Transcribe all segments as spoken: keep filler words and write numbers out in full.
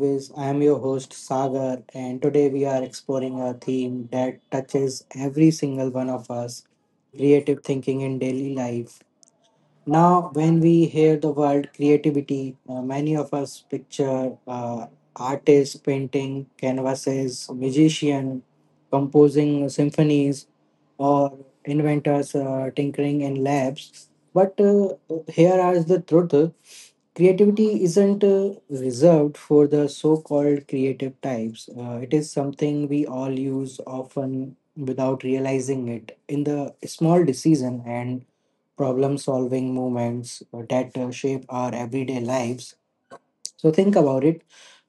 Wiz. I am your host Sagar, and today we are exploring a theme that touches every single one of us creative thinking in daily life. Now, when we hear the word creativity, uh, many of us picture uh, artists painting canvases, musician composing symphonies, or inventors uh, tinkering in labs. But uh, here is the truth. Creativity isn't uh, reserved for the so called creative types. Uh, it is something we all use often without realizing it in the small decision and problem solving moments uh, that uh, shape our everyday lives. So, think about it.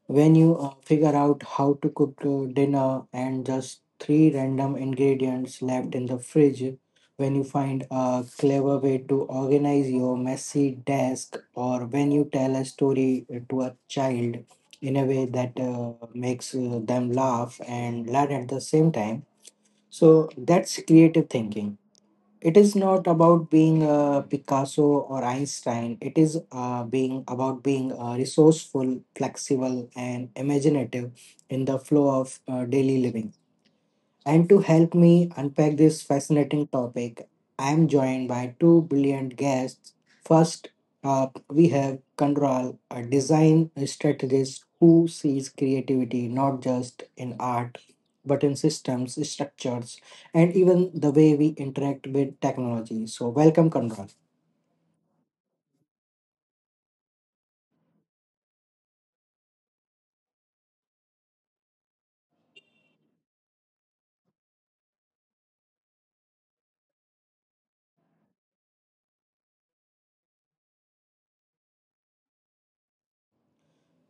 When you uh, figure out how to cook uh, dinner and just three random ingredients left in the fridge, when you find a clever way to organize your messy desk, or when you tell a story to a child in a way that uh, makes uh, them laugh and learn at the same time. So that's creative thinking. It is not about being a Picasso or Einstein. It is uh, being about being uh, resourceful, flexible, and imaginative in the flow of uh, daily living. And to help me unpack this fascinating topic, I am joined by two brilliant guests. First up, we have Kandral, a design strategist who sees creativity not just in art, but in systems, structures, and even the way we interact with technology. So, welcome, Kandral.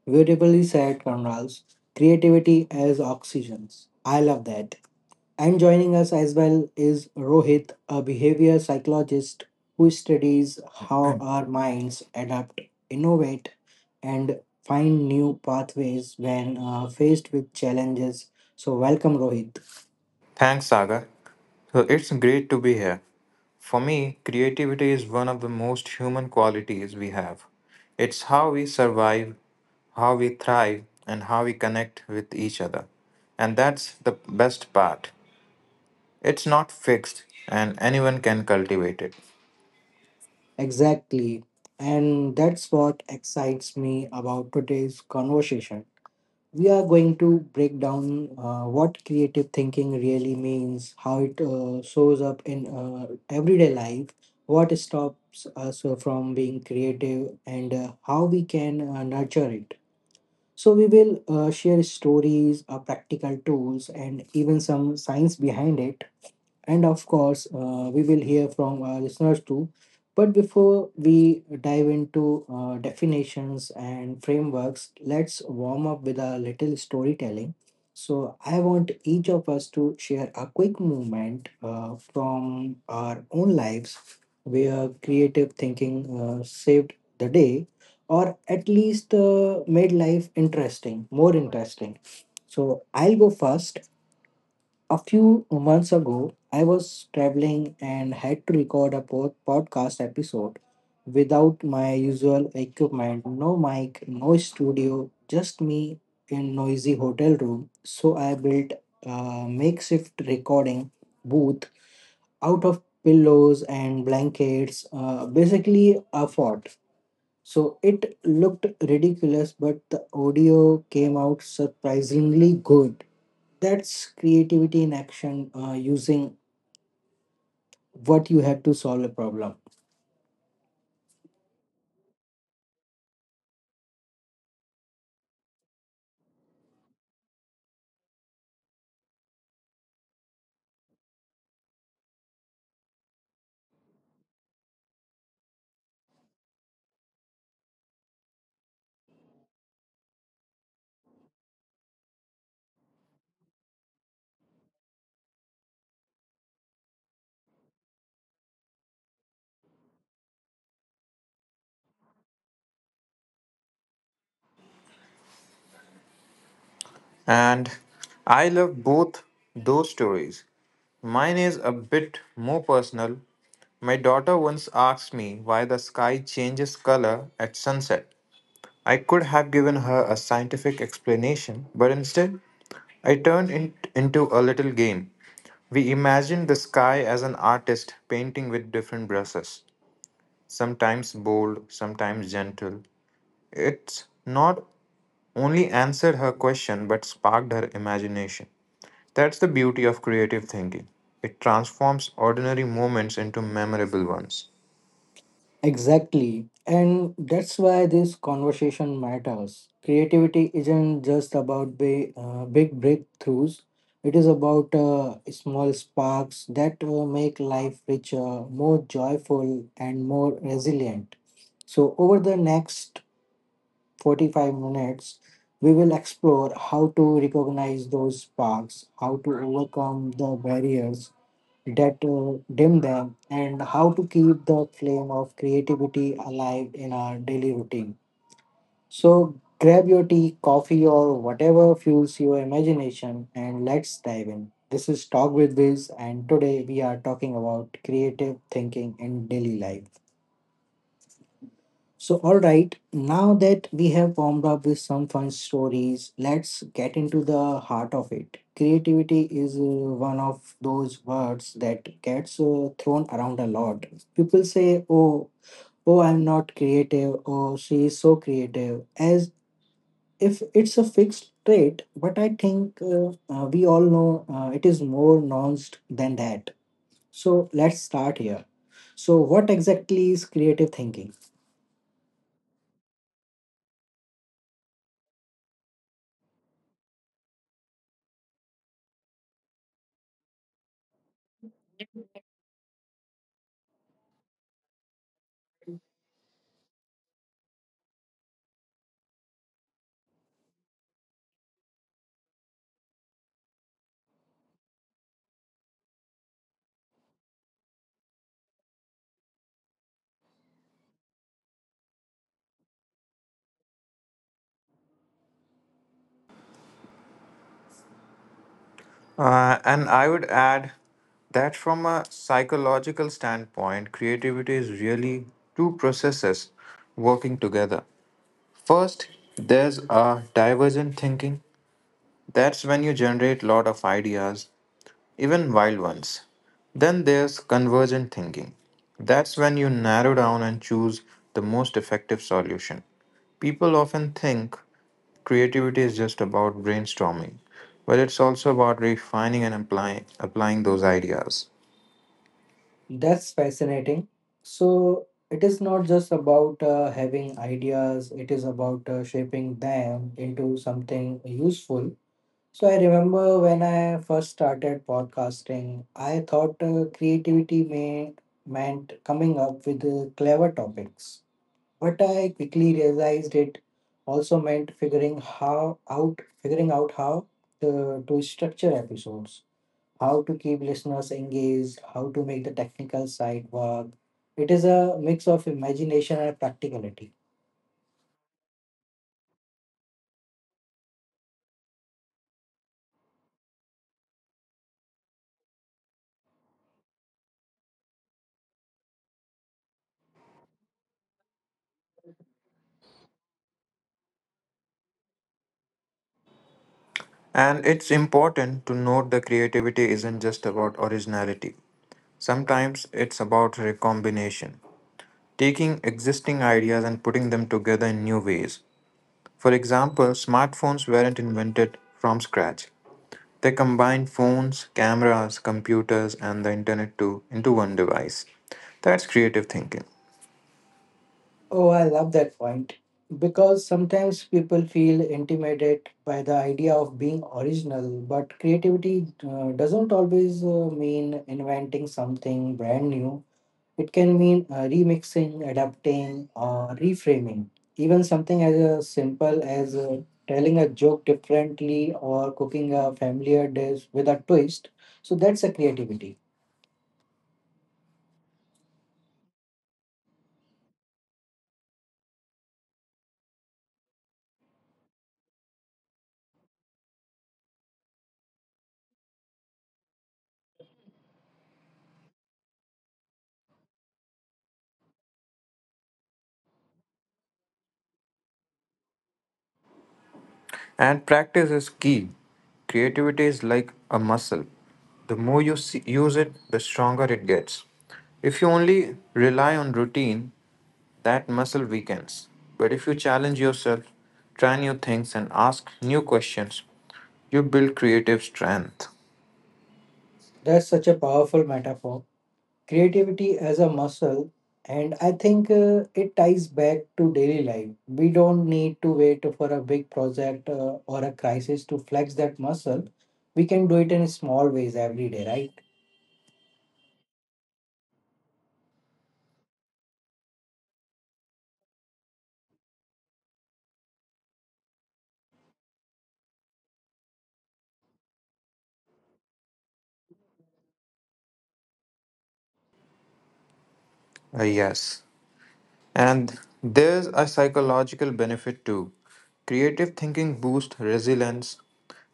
Beautifully said, Kandrals. Creativity as oxygen. I love that. And joining us as well is Rohit, a behavior psychologist who studies how our minds adapt, innovate, and find new pathways when uh, faced with challenges. So, welcome, Rohit. Thanks, Sagar. So it's great to be here. For me, creativity is one of the most human qualities we have. It's how we survive, how we thrive, and how we connect with each other. And that's the best part. It's not fixed, and anyone can cultivate it. Exactly. And that's what excites me about today's conversation. We are going to break down uh, what creative thinking really means, how it uh, shows up in uh, everyday life, what stops us from being creative, and uh, how we can uh, nurture it. So, we will uh, share stories, uh, practical tools, and even some science behind it. And of course, uh, we will hear from our listeners too. But before we dive into uh, definitions and frameworks, let's warm up with a little storytelling. So, I want each of us to share a quick moment uh, from our own lives where creative thinking uh, saved the day, or at least uh, made life interesting, more interesting. So, I'll go first. A few months ago, I was traveling and had to record a pod- podcast episode without my usual equipment. No mic, no studio, just me in noisy hotel room. So I built a makeshift recording booth out of pillows and blankets, uh, basically a fort. So it looked ridiculous, but the audio came out surprisingly good. That's creativity in action, uh, using what you have to solve a problem. And I love both those stories. Mine is a bit more personal. My daughter once asked me why the sky changes color at sunset. I could have given her a scientific explanation, but instead, I turned it into a little game. We imagined the sky as an artist painting with different brushes, sometimes bold, sometimes gentle. It's not only answered her question but sparked her imagination. That's the beauty of creative thinking. It transforms ordinary moments into memorable ones. Exactly. And that's why this conversation matters. Creativity isn't just about big, uh, big breakthroughs, it is about uh, small sparks that uh, make life richer, more joyful, and more resilient. So, over the next forty-five minutes, we will explore how to recognize those sparks, how to overcome the barriers that uh, dim them, and how to keep the flame of creativity alive in our daily routine. So grab your tea, coffee, or whatever fuels your imagination, and let's dive in. This is Talk with Viz, and today we are talking about creative thinking in daily life. So, all right, now that we have warmed up with some fun stories, let's get into the heart of it. Creativity is uh, one of those words that gets uh, thrown around a lot. People say, "Oh, oh, I'm not creative," "Oh, she is so creative," as if it's a fixed trait. But I think uh, uh, we all know uh, it is more nuanced than that. So, let's start here. So, what exactly is creative thinking? Uh, and I would add that from a psychological standpoint, creativity is really two processes working together. First, there's a divergent thinking. That's when you generate lot of ideas, even wild ones. Then there's convergent thinking. That's when you narrow down and choose the most effective solution. People often think creativity is just about brainstorming, but it's also about refining and applying applying those ideas. That's fascinating. So it is not just about uh, having ideas, it is about uh, shaping them into something useful. So I remember when I first started podcasting, I thought uh, creativity may, meant coming up with uh, clever topics. But I quickly realized it also meant figuring how out figuring out how to, to structure episodes, how to keep listeners engaged, how to make the technical side work. It is a mix of imagination and practicality. And it's important to note that creativity isn't just about originality. Sometimes it's about recombination, taking existing ideas and putting them together in new ways. For example, smartphones weren't invented from scratch. They combined phones, cameras, computers, and the internet to into one device. That's creative thinking. Oh, I love that point because sometimes people feel intimidated by the idea of being original, but creativity uh, doesn't always uh, mean inventing something brand new. It can mean uh, remixing, adapting, or reframing. Even something as uh, simple as uh, telling a joke differently or cooking a familiar dish with a twist. So that's a creativity. And practice is key. Creativity is like a muscle. The more you see, use it, the stronger it gets. If you only rely on routine, that muscle weakens. But if you challenge yourself, try new things, and ask new questions, you build creative strength. That's such a powerful metaphor. Creativity as a muscle, and I think uh, it ties back to daily life. We don't need to wait for a big project uh, or a crisis to flex that muscle. We can do it in small ways every day, right? Uh, yes. And there's a psychological benefit too. Creative thinking boosts resilience.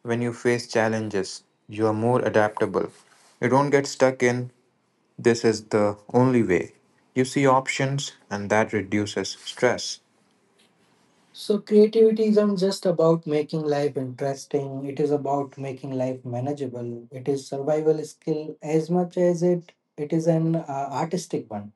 When you face challenges, you are more adaptable. You don't get stuck in "This is the only way." You see options, and that reduces stress. So creativity isn't just about making life interesting, it is about making life manageable. It is survival skill as much as it it is an uh, artistic one.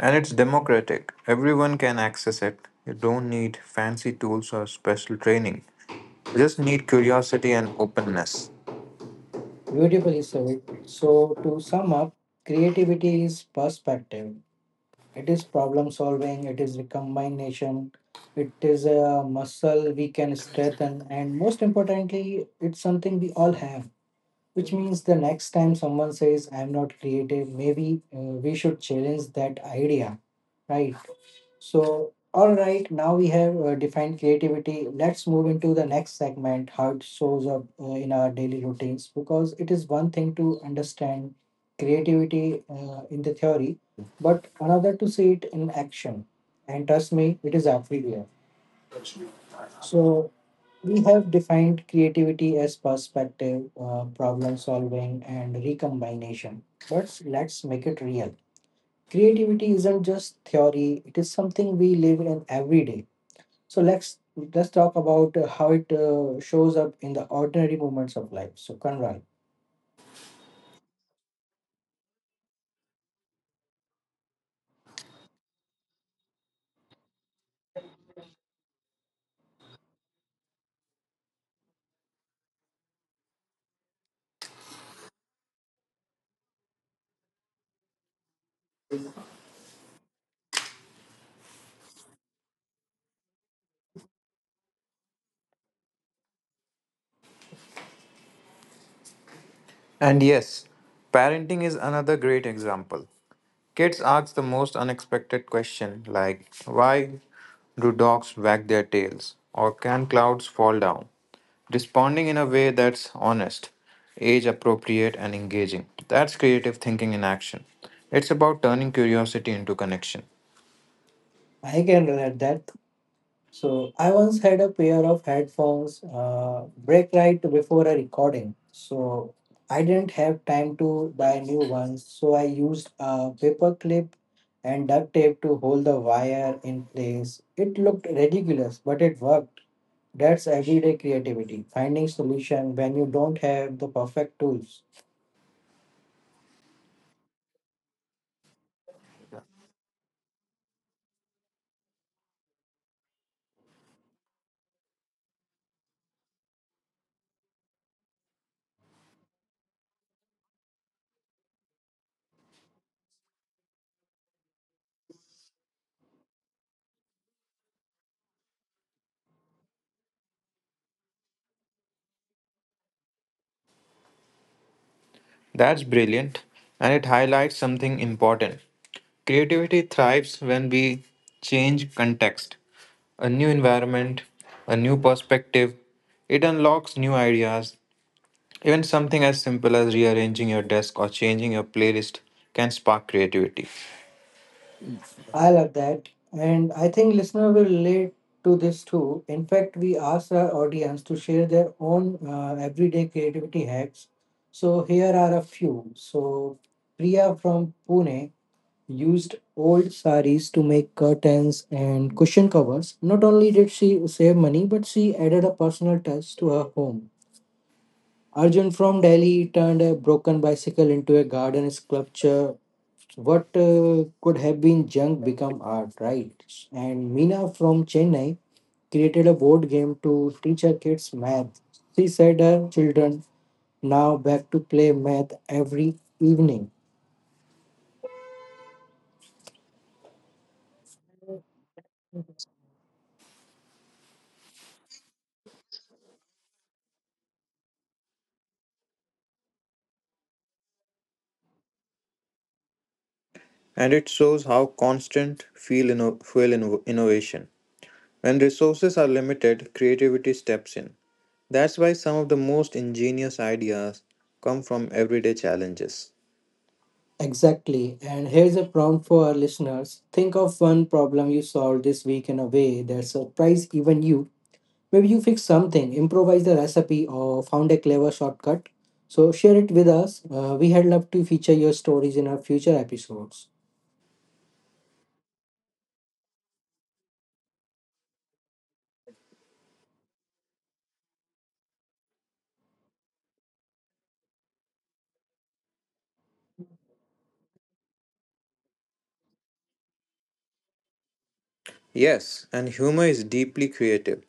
And it's democratic, everyone can access it. You don't need fancy tools or special training, you just need curiosity and openness. Beautifully said. So to sum up, creativity is perspective. It is problem solving, it is recombination, it is a muscle we can strengthen, and most importantly, it's something we all have. Which means the next time someone says I'm not creative, maybe uh, we should challenge that idea, right? So, all right, now we have uh, defined creativity. Let's move into the next segment, how it shows up uh, in our daily routines. Because it is one thing to understand creativity uh, in the theory, but another to see it in action, and trust me, it is everywhere. So we have defined creativity as perspective, uh, problem solving, and recombination. But let's make it real. Creativity isn't just theory, it is something we live in every day. So let's let's talk about uh, how it uh, shows up in the ordinary moments of life. So Conrad, And yes, parenting is another great example. Kids ask the most unexpected question, like, why do dogs wag their tails? Or can clouds fall down? Responding in a way that's honest, age appropriate, and engaging. That's creative thinking in action. It's about turning curiosity into connection. I can relate that. So I once had a pair of headphones uh, break right before a recording. So I didn't have time to buy new ones. So I used a paper clip and duct tape to hold the wire in place. It looked ridiculous, but it worked. That's everyday creativity, finding solution when you don't have the perfect tools. That's brilliant, and it highlights something important. Creativity thrives when we change context. A new environment, a new perspective, it unlocks new ideas. Even something as simple as rearranging your desk or changing your playlist can spark creativity. I love that. And I think listener will relate to this too. In fact, we asked our audience to share their own uh, everyday creativity hacks. So here are a few. So Priya from Pune used old saris to make curtains and cushion covers. Not only did she save money, but she added a personal touch to her home. Arjun from Delhi turned a broken bicycle into a garden sculpture. What uh, could have been junk become art, right? And Meena from Chennai created a board game to teach her kids math. She said her children now back to play math every evening. And it shows how constant fuel, inno- fuel inno- innovation. When resources are limited, creativity steps in. That's why some of the most ingenious ideas come from everyday challenges. Exactly. And here's a prompt for our listeners. Think of one problem you solved this week in a way that surprised even you. Maybe you fixed something, improvised a recipe, or found a clever shortcut. So share it with us. Uh, we had love to feature your stories in our future episodes. Yes, and humor is deeply creative.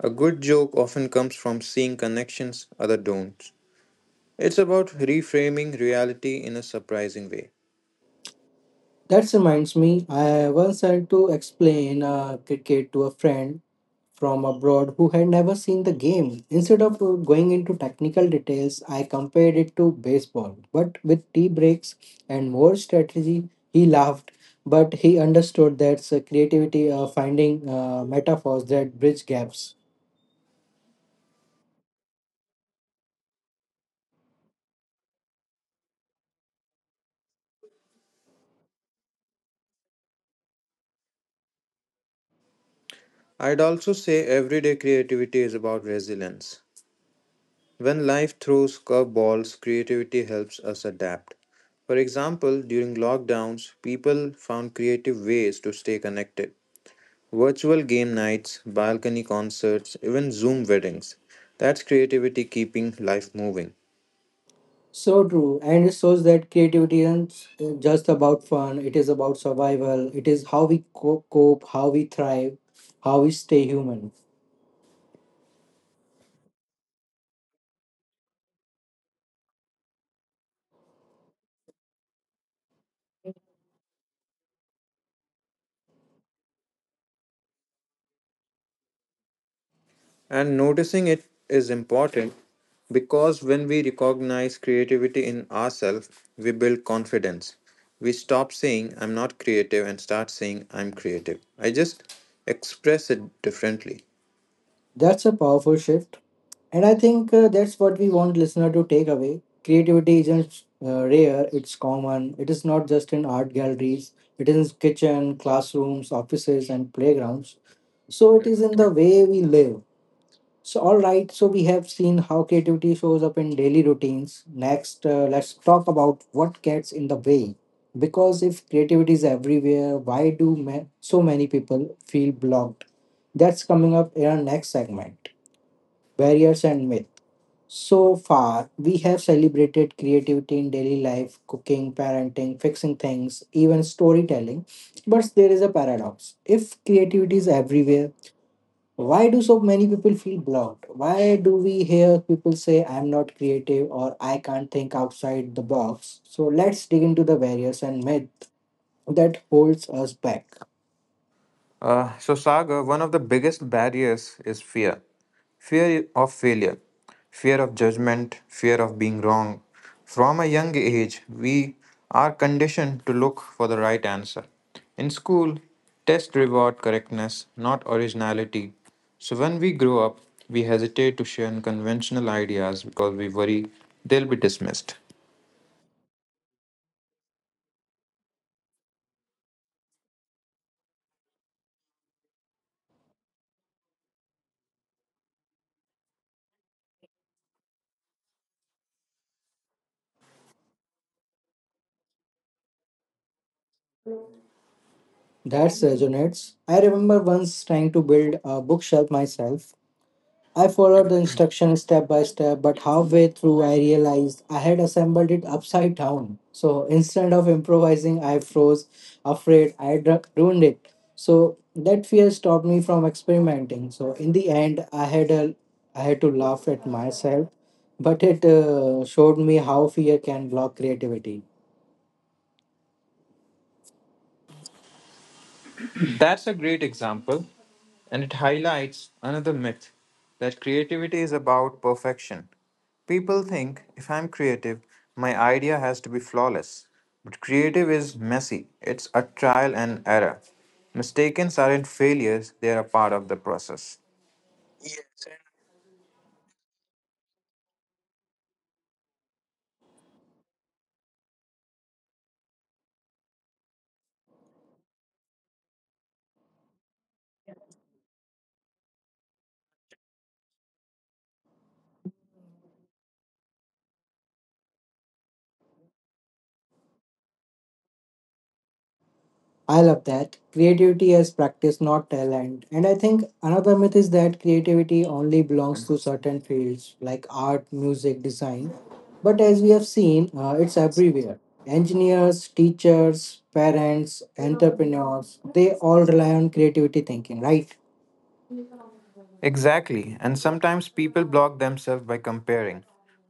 A good joke often comes from seeing connections other don't. It's about reframing reality in a surprising way. That reminds me, I once had to explain uh, cricket to a friend from abroad who had never seen the game. Instead of uh, going into technical details, I compared it to baseball, but with tea breaks and more strategy. He laughed, but he understood. That's uh, creativity, uh, finding uh, metaphors that bridge gaps. I'd also say everyday creativity is about resilience. When life throws curveballs, creativity helps us adapt. For example, during lockdowns, people found creative ways to stay connected. Virtual game nights, balcony concerts, even Zoom weddings. That's creativity keeping life moving. So true, and it shows that creativity isn't uh, just about fun. It is about survival. It is how we co- cope, how we thrive, how we stay human. And noticing it is important because when we recognize creativity in ourselves, we build confidence. We stop saying, "I'm not creative," and start saying, "I'm creative. I just express it differently." That's a powerful shift. And I think uh, that's what we want listener to take away. Creativity isn't uh, rare, it's common. It is not just in art galleries, it is in kitchen, classrooms, offices and playgrounds. So it is in the way we live. So all right, so we have seen how creativity shows up in daily routines. Next, uh, let's talk about what gets in the way. Because if creativity is everywhere, why do ma- so many people feel blocked? That's coming up in our next segment, barriers and myth. So far, we have celebrated creativity in daily life, cooking, parenting, fixing things, even storytelling. But there is a paradox. If creativity is everywhere, why do so many people feel blocked? Why do we hear people say, I'm not creative, or I can't think outside the box? So let's dig into the barriers and myth that holds us back. Uh, so, Sagar, one of the biggest barriers is fear. Fear of failure, fear of judgment, fear of being wrong. From a young age, we are conditioned to look for the right answer. In school, tests reward correctness, not originality. So when we grow up, we hesitate to share unconventional ideas because we worry they'll be dismissed. That resonates. I remember once trying to build a bookshelf myself. I followed the instructions step by step, but halfway through, I realized I had assembled it upside down. So instead of improvising, I froze, afraid I had ruined it. So that fear stopped me from experimenting. So in the end, I had a, I had to laugh at myself, but it uh, showed me how fear can block creativity. That's a great example, and it highlights another myth that creativity is about perfection. People think if I'm creative, my idea has to be flawless. But creative is messy, it's a trial and error. Mistakes aren't failures, they are a part of the process. I love that. Creativity as practice, not talent. And I think another myth is that creativity only belongs to certain fields like art, music, design. But as we have seen, uh, it's everywhere. Engineers, teachers, parents, entrepreneurs, they all rely on creativity thinking, right? Exactly, and sometimes people block themselves by comparing.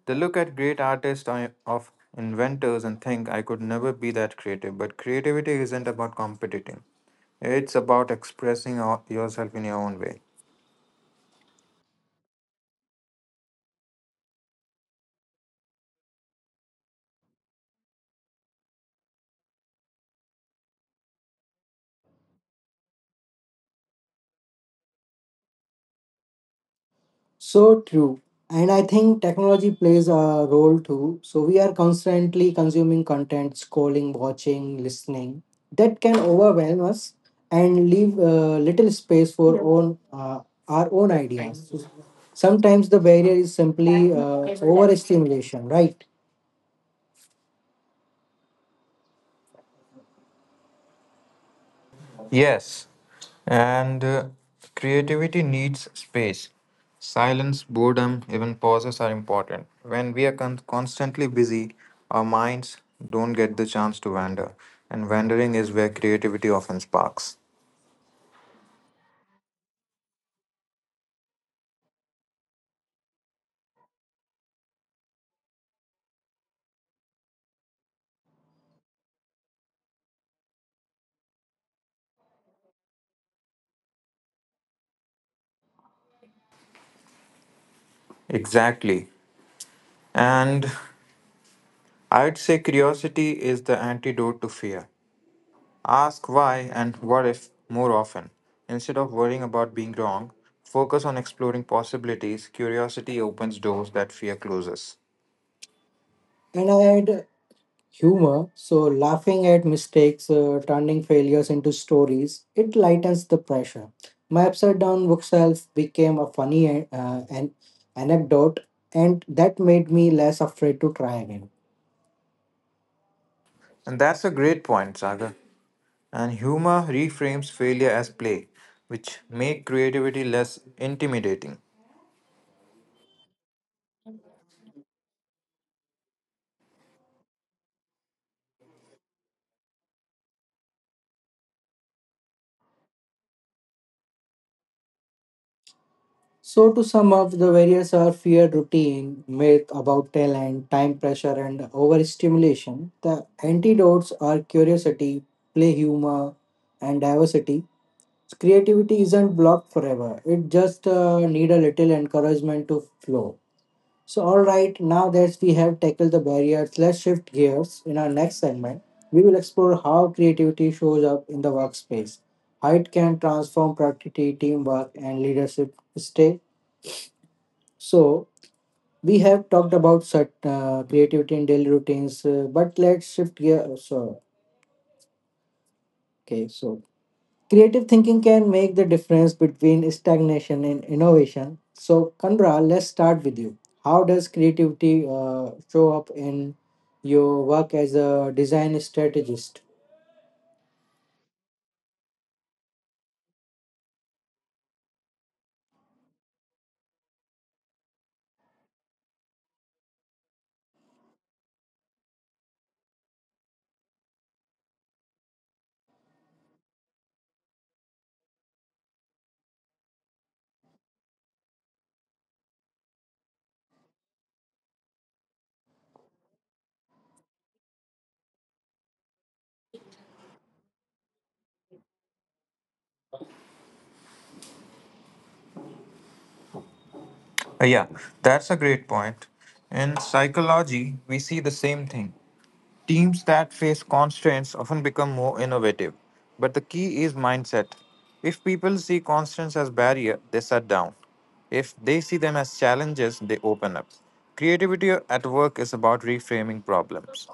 They look at great artists or of inventors and think I could never be that creative. But creativity isn't about competing. It's about expressing o- yourself in your own way. So true. And I think technology plays a role too. So we are constantly consuming content, scrolling, watching, listening. That can overwhelm us and leave uh, little space for own uh, our own ideas. So sometimes the barrier is simply uh, overstimulation, right? Yes, and uh, creativity needs space. Silence, boredom, even pauses are important. When we are con- constantly busy, our minds don't get the chance to wander, and wandering is where creativity often sparks. Exactly. And I'd say curiosity is the antidote to fear. Ask why and what if more often. Instead of worrying about being wrong, focus on exploring possibilities. Curiosity opens doors that fear closes. And I had humor. So, laughing at mistakes, uh, turning failures into stories, it lightens the pressure. My upside down bookshelf became a funny uh, an anecdote, and that made me less afraid to try again. And that's a great point, Sagar. And humor reframes failure as play, which make creativity less intimidating. So, to sum up, the various are fear, routine, myth about talent, time pressure, and overstimulation. The antidotes are curiosity, play, humor, and diversity. So, creativity isn't blocked forever, it just uh, need a little encouragement to flow. So, all right, now that we have tackled the barriers, let's shift gears. In our next segment we will explore how creativity shows up in the workspace, how it can transform productivity, teamwork, and leadership. Stay. So we have talked about such uh, creativity in daily routines, uh, but let's shift gear. So okay, so creative thinking can make the difference between stagnation and innovation. So, Kanra, let's start with you. How does creativity uh, show up in your work as a design strategist? Uh, yeah, that's a great point. In psychology, we see the same thing. Teams that face constraints often become more innovative, but the key is mindset. If people see constraints as barrier, they shut down. If they see them as challenges, they open up. Creativity at work is about reframing problems.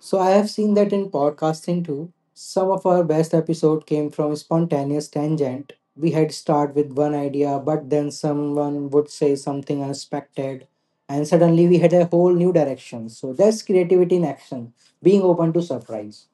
So, I have seen that in podcasting too. Some of our best episode came from spontaneous tangent. We had start with one idea, but then someone would say something unexpected, and suddenly we had a whole new direction. So, that's creativity in action, being open to surprise.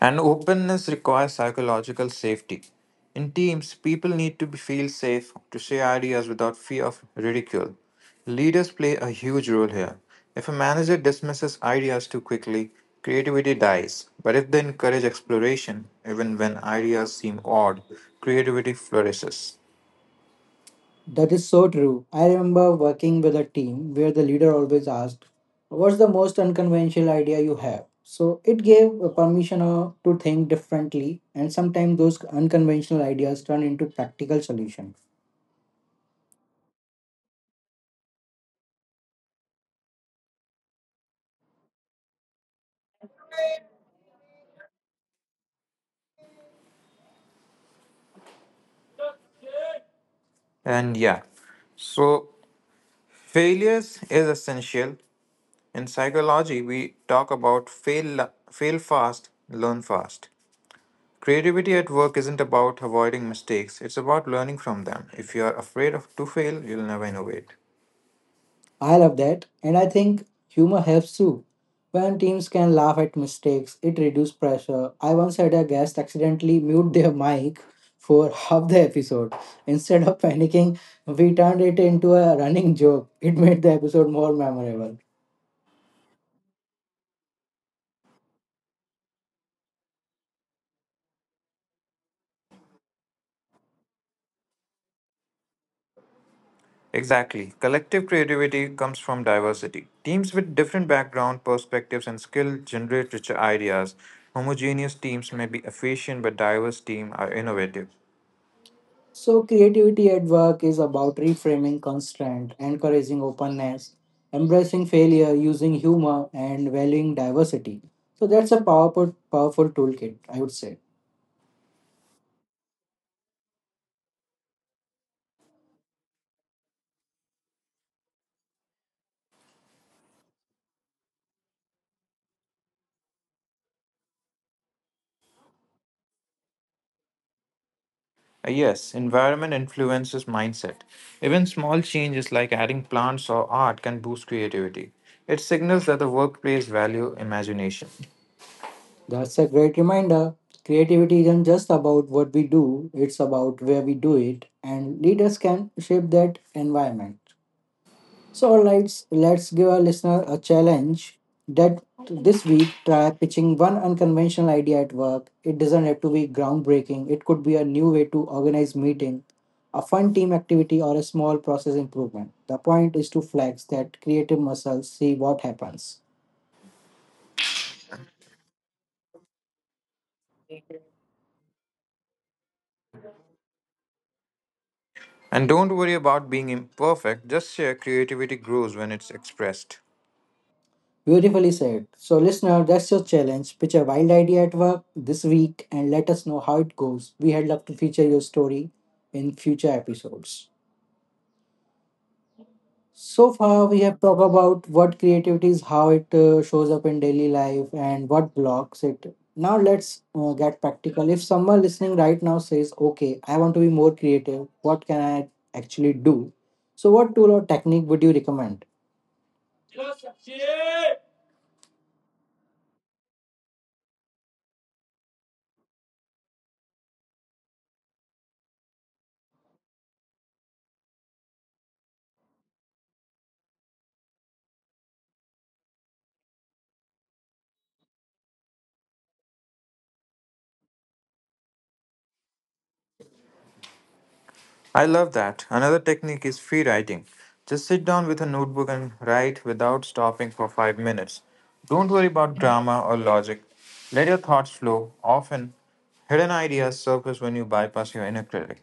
And openness requires psychological safety. In teams, people need to be- feel safe to share ideas without fear of ridicule. Leaders play a huge role here. If a manager dismisses ideas too quickly, creativity dies. But if they encourage exploration, even when ideas seem odd, creativity flourishes. That is so true. I remember working with a team where the leader always asked, "What's the most unconventional idea you have?" So it gave a permission uh, to think differently, and sometimes those unconventional ideas turn into practical solutions. And yeah, so failures is essential. In psychology, we talk about fail, fail fast, learn fast. Creativity at work isn't about avoiding mistakes, it's about learning from them. If you're afraid of to fail, you'll never innovate. I love that, and I think humor helps too. When teams can laugh at mistakes, it reduces pressure. I once had a guest accidentally mute their mic for half the episode. Instead of panicking, we turned it into a running joke. It made the episode more memorable. Exactly. Collective creativity comes from diversity. Teams with different background, perspectives, and skill generate richer ideas. Homogeneous teams may be efficient, but diverse teams are innovative. So, creativity at work is about reframing constraint, encouraging openness, embracing failure, using humor, and valuing diversity. So, that's a powerful, powerful toolkit, I would say. Uh, Yes, environment influences mindset. Even small changes like adding plants or art can boost creativity. It signals that the workplace value imagination. That's a great reminder. Creativity isn't just about what we do, it's about where we do it, and leaders can shape that environment. So, let let's give our listener a challenge that this week try pitching one unconventional idea at work. It doesn't have to be groundbreaking, it could be a new way to organize meeting, a fun team activity, or a small process improvement. The point is to flex that creative muscle, see what happens. And don't worry about being imperfect, just share creativity grows when it's expressed. Beautifully said. So, listener, that's your challenge. Pitch a wild idea at work this week and let us know how it goes. We had love to feature your story in future episodes. So far, we have talked about what creativity is, how it uh, shows up in daily life, and what blocks it. Now, let's uh, get practical. If someone listening right now says, "Okay, I want to be more creative, what can I actually do? So, what tool or technique would you recommend?" I love that. Another technique is free writing. Just sit down with a notebook and write without stopping for five minutes. Don't worry about grammar or logic. Let your thoughts flow. Often, hidden ideas surface when you bypass your inner critic.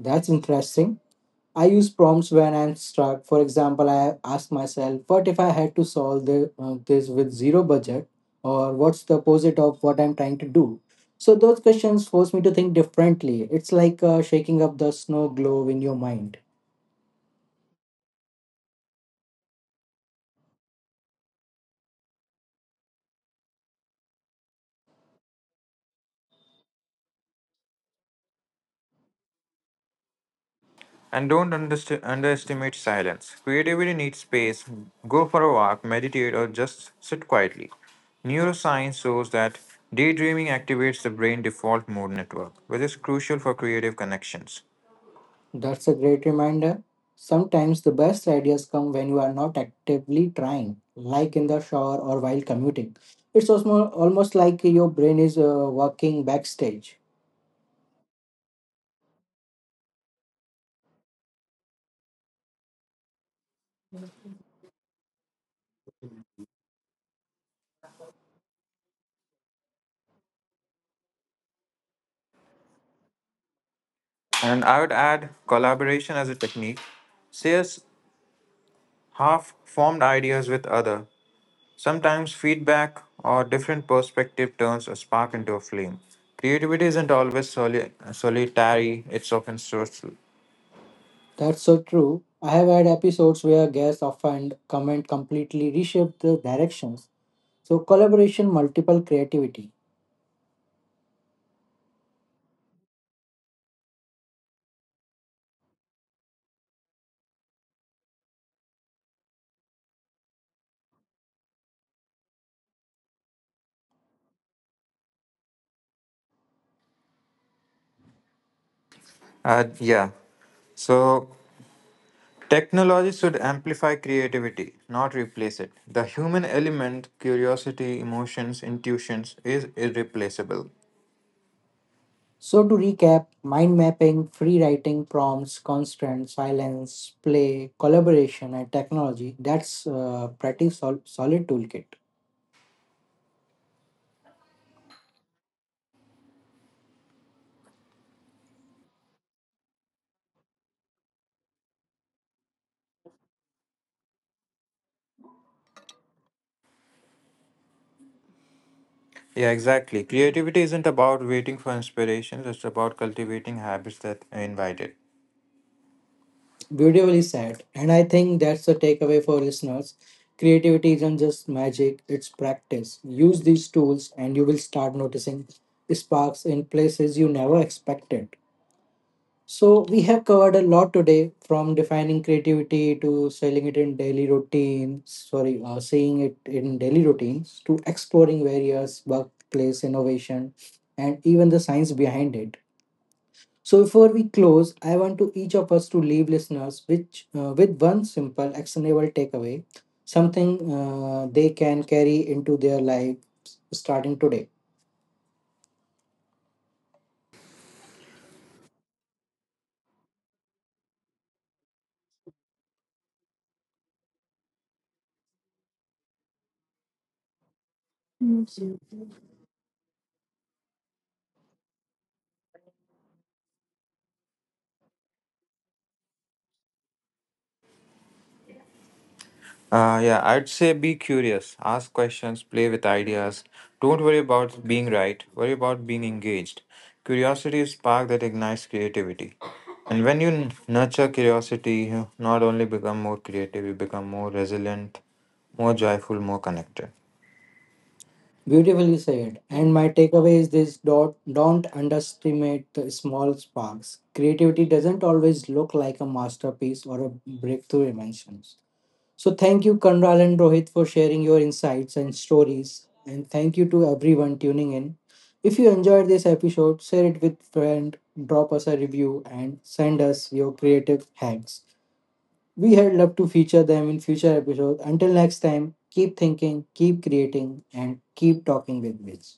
That's interesting. I use prompts when I'm stuck. For example, I ask myself, what if I had to solve the, uh, this with zero budget? Or what's the opposite of what I'm trying to do? So those questions force me to think differently. It's like uh, shaking up the snow globe in your mind. And don't underst- underestimate silence. Creativity needs space. Go for a walk, meditate, or just sit quietly. Neuroscience shows that daydreaming activates the brain default mode network, which is crucial for creative connections. That's a great reminder. Sometimes the best ideas come when you are not actively trying, like in the shower or while commuting. It's almost, almost like your brain is uh, working backstage. And I would add collaboration as a technique. Shares half formed ideas with other. Sometimes feedback or different perspective turns a spark into a flame. Creativity isn't always soli- solitary, it's often social. That's so true. I have had episodes where guests often comment completely reshape the directions. So collaboration, multiple creativity. Uh, yeah, so technology should amplify creativity, not replace it. The human element, curiosity, emotions, intuitions, is irreplaceable. So to recap, mind mapping, free writing, prompts, constant, silence, play, collaboration, and technology. That's uh, pretty sol- solid toolkit. Yeah, exactly. Creativity isn't about waiting for inspirations, it's about cultivating habits that invite it. Beautifully said. And I think that's the takeaway for listeners. Creativity isn't just magic, it's practice. Use these tools and you will start noticing sparks in places you never expected. So, we have covered a lot today, from defining creativity to selling it in daily routines, sorry, uh, seeing it in daily routines, to exploring various workplace innovation and even the science behind it. So, before we close, I want to each of us to leave listeners which, uh, with one simple, actionable takeaway, something uh, they can carry into their life starting today. Uh, yeah, I'd say be curious, ask questions, play with ideas. Don't worry about being right, worry about being engaged. Curiosity is spark that ignites creativity. And when you n- nurture curiosity, you not only become more creative, you become more resilient, more joyful, more connected. Beautifully said. And my takeaway is this: don't, don't underestimate the small sparks. Creativity doesn't always look like a masterpiece or a breakthrough invention. So thank you, Kanral and Rohit, for sharing your insights and stories. And thank you to everyone tuning in. If you enjoyed this episode, share it with friend, drop us a review, and send us your creative hacks. We had love to feature them in future episodes. Until next time, keep thinking, keep creating, and keep talking with Wiz.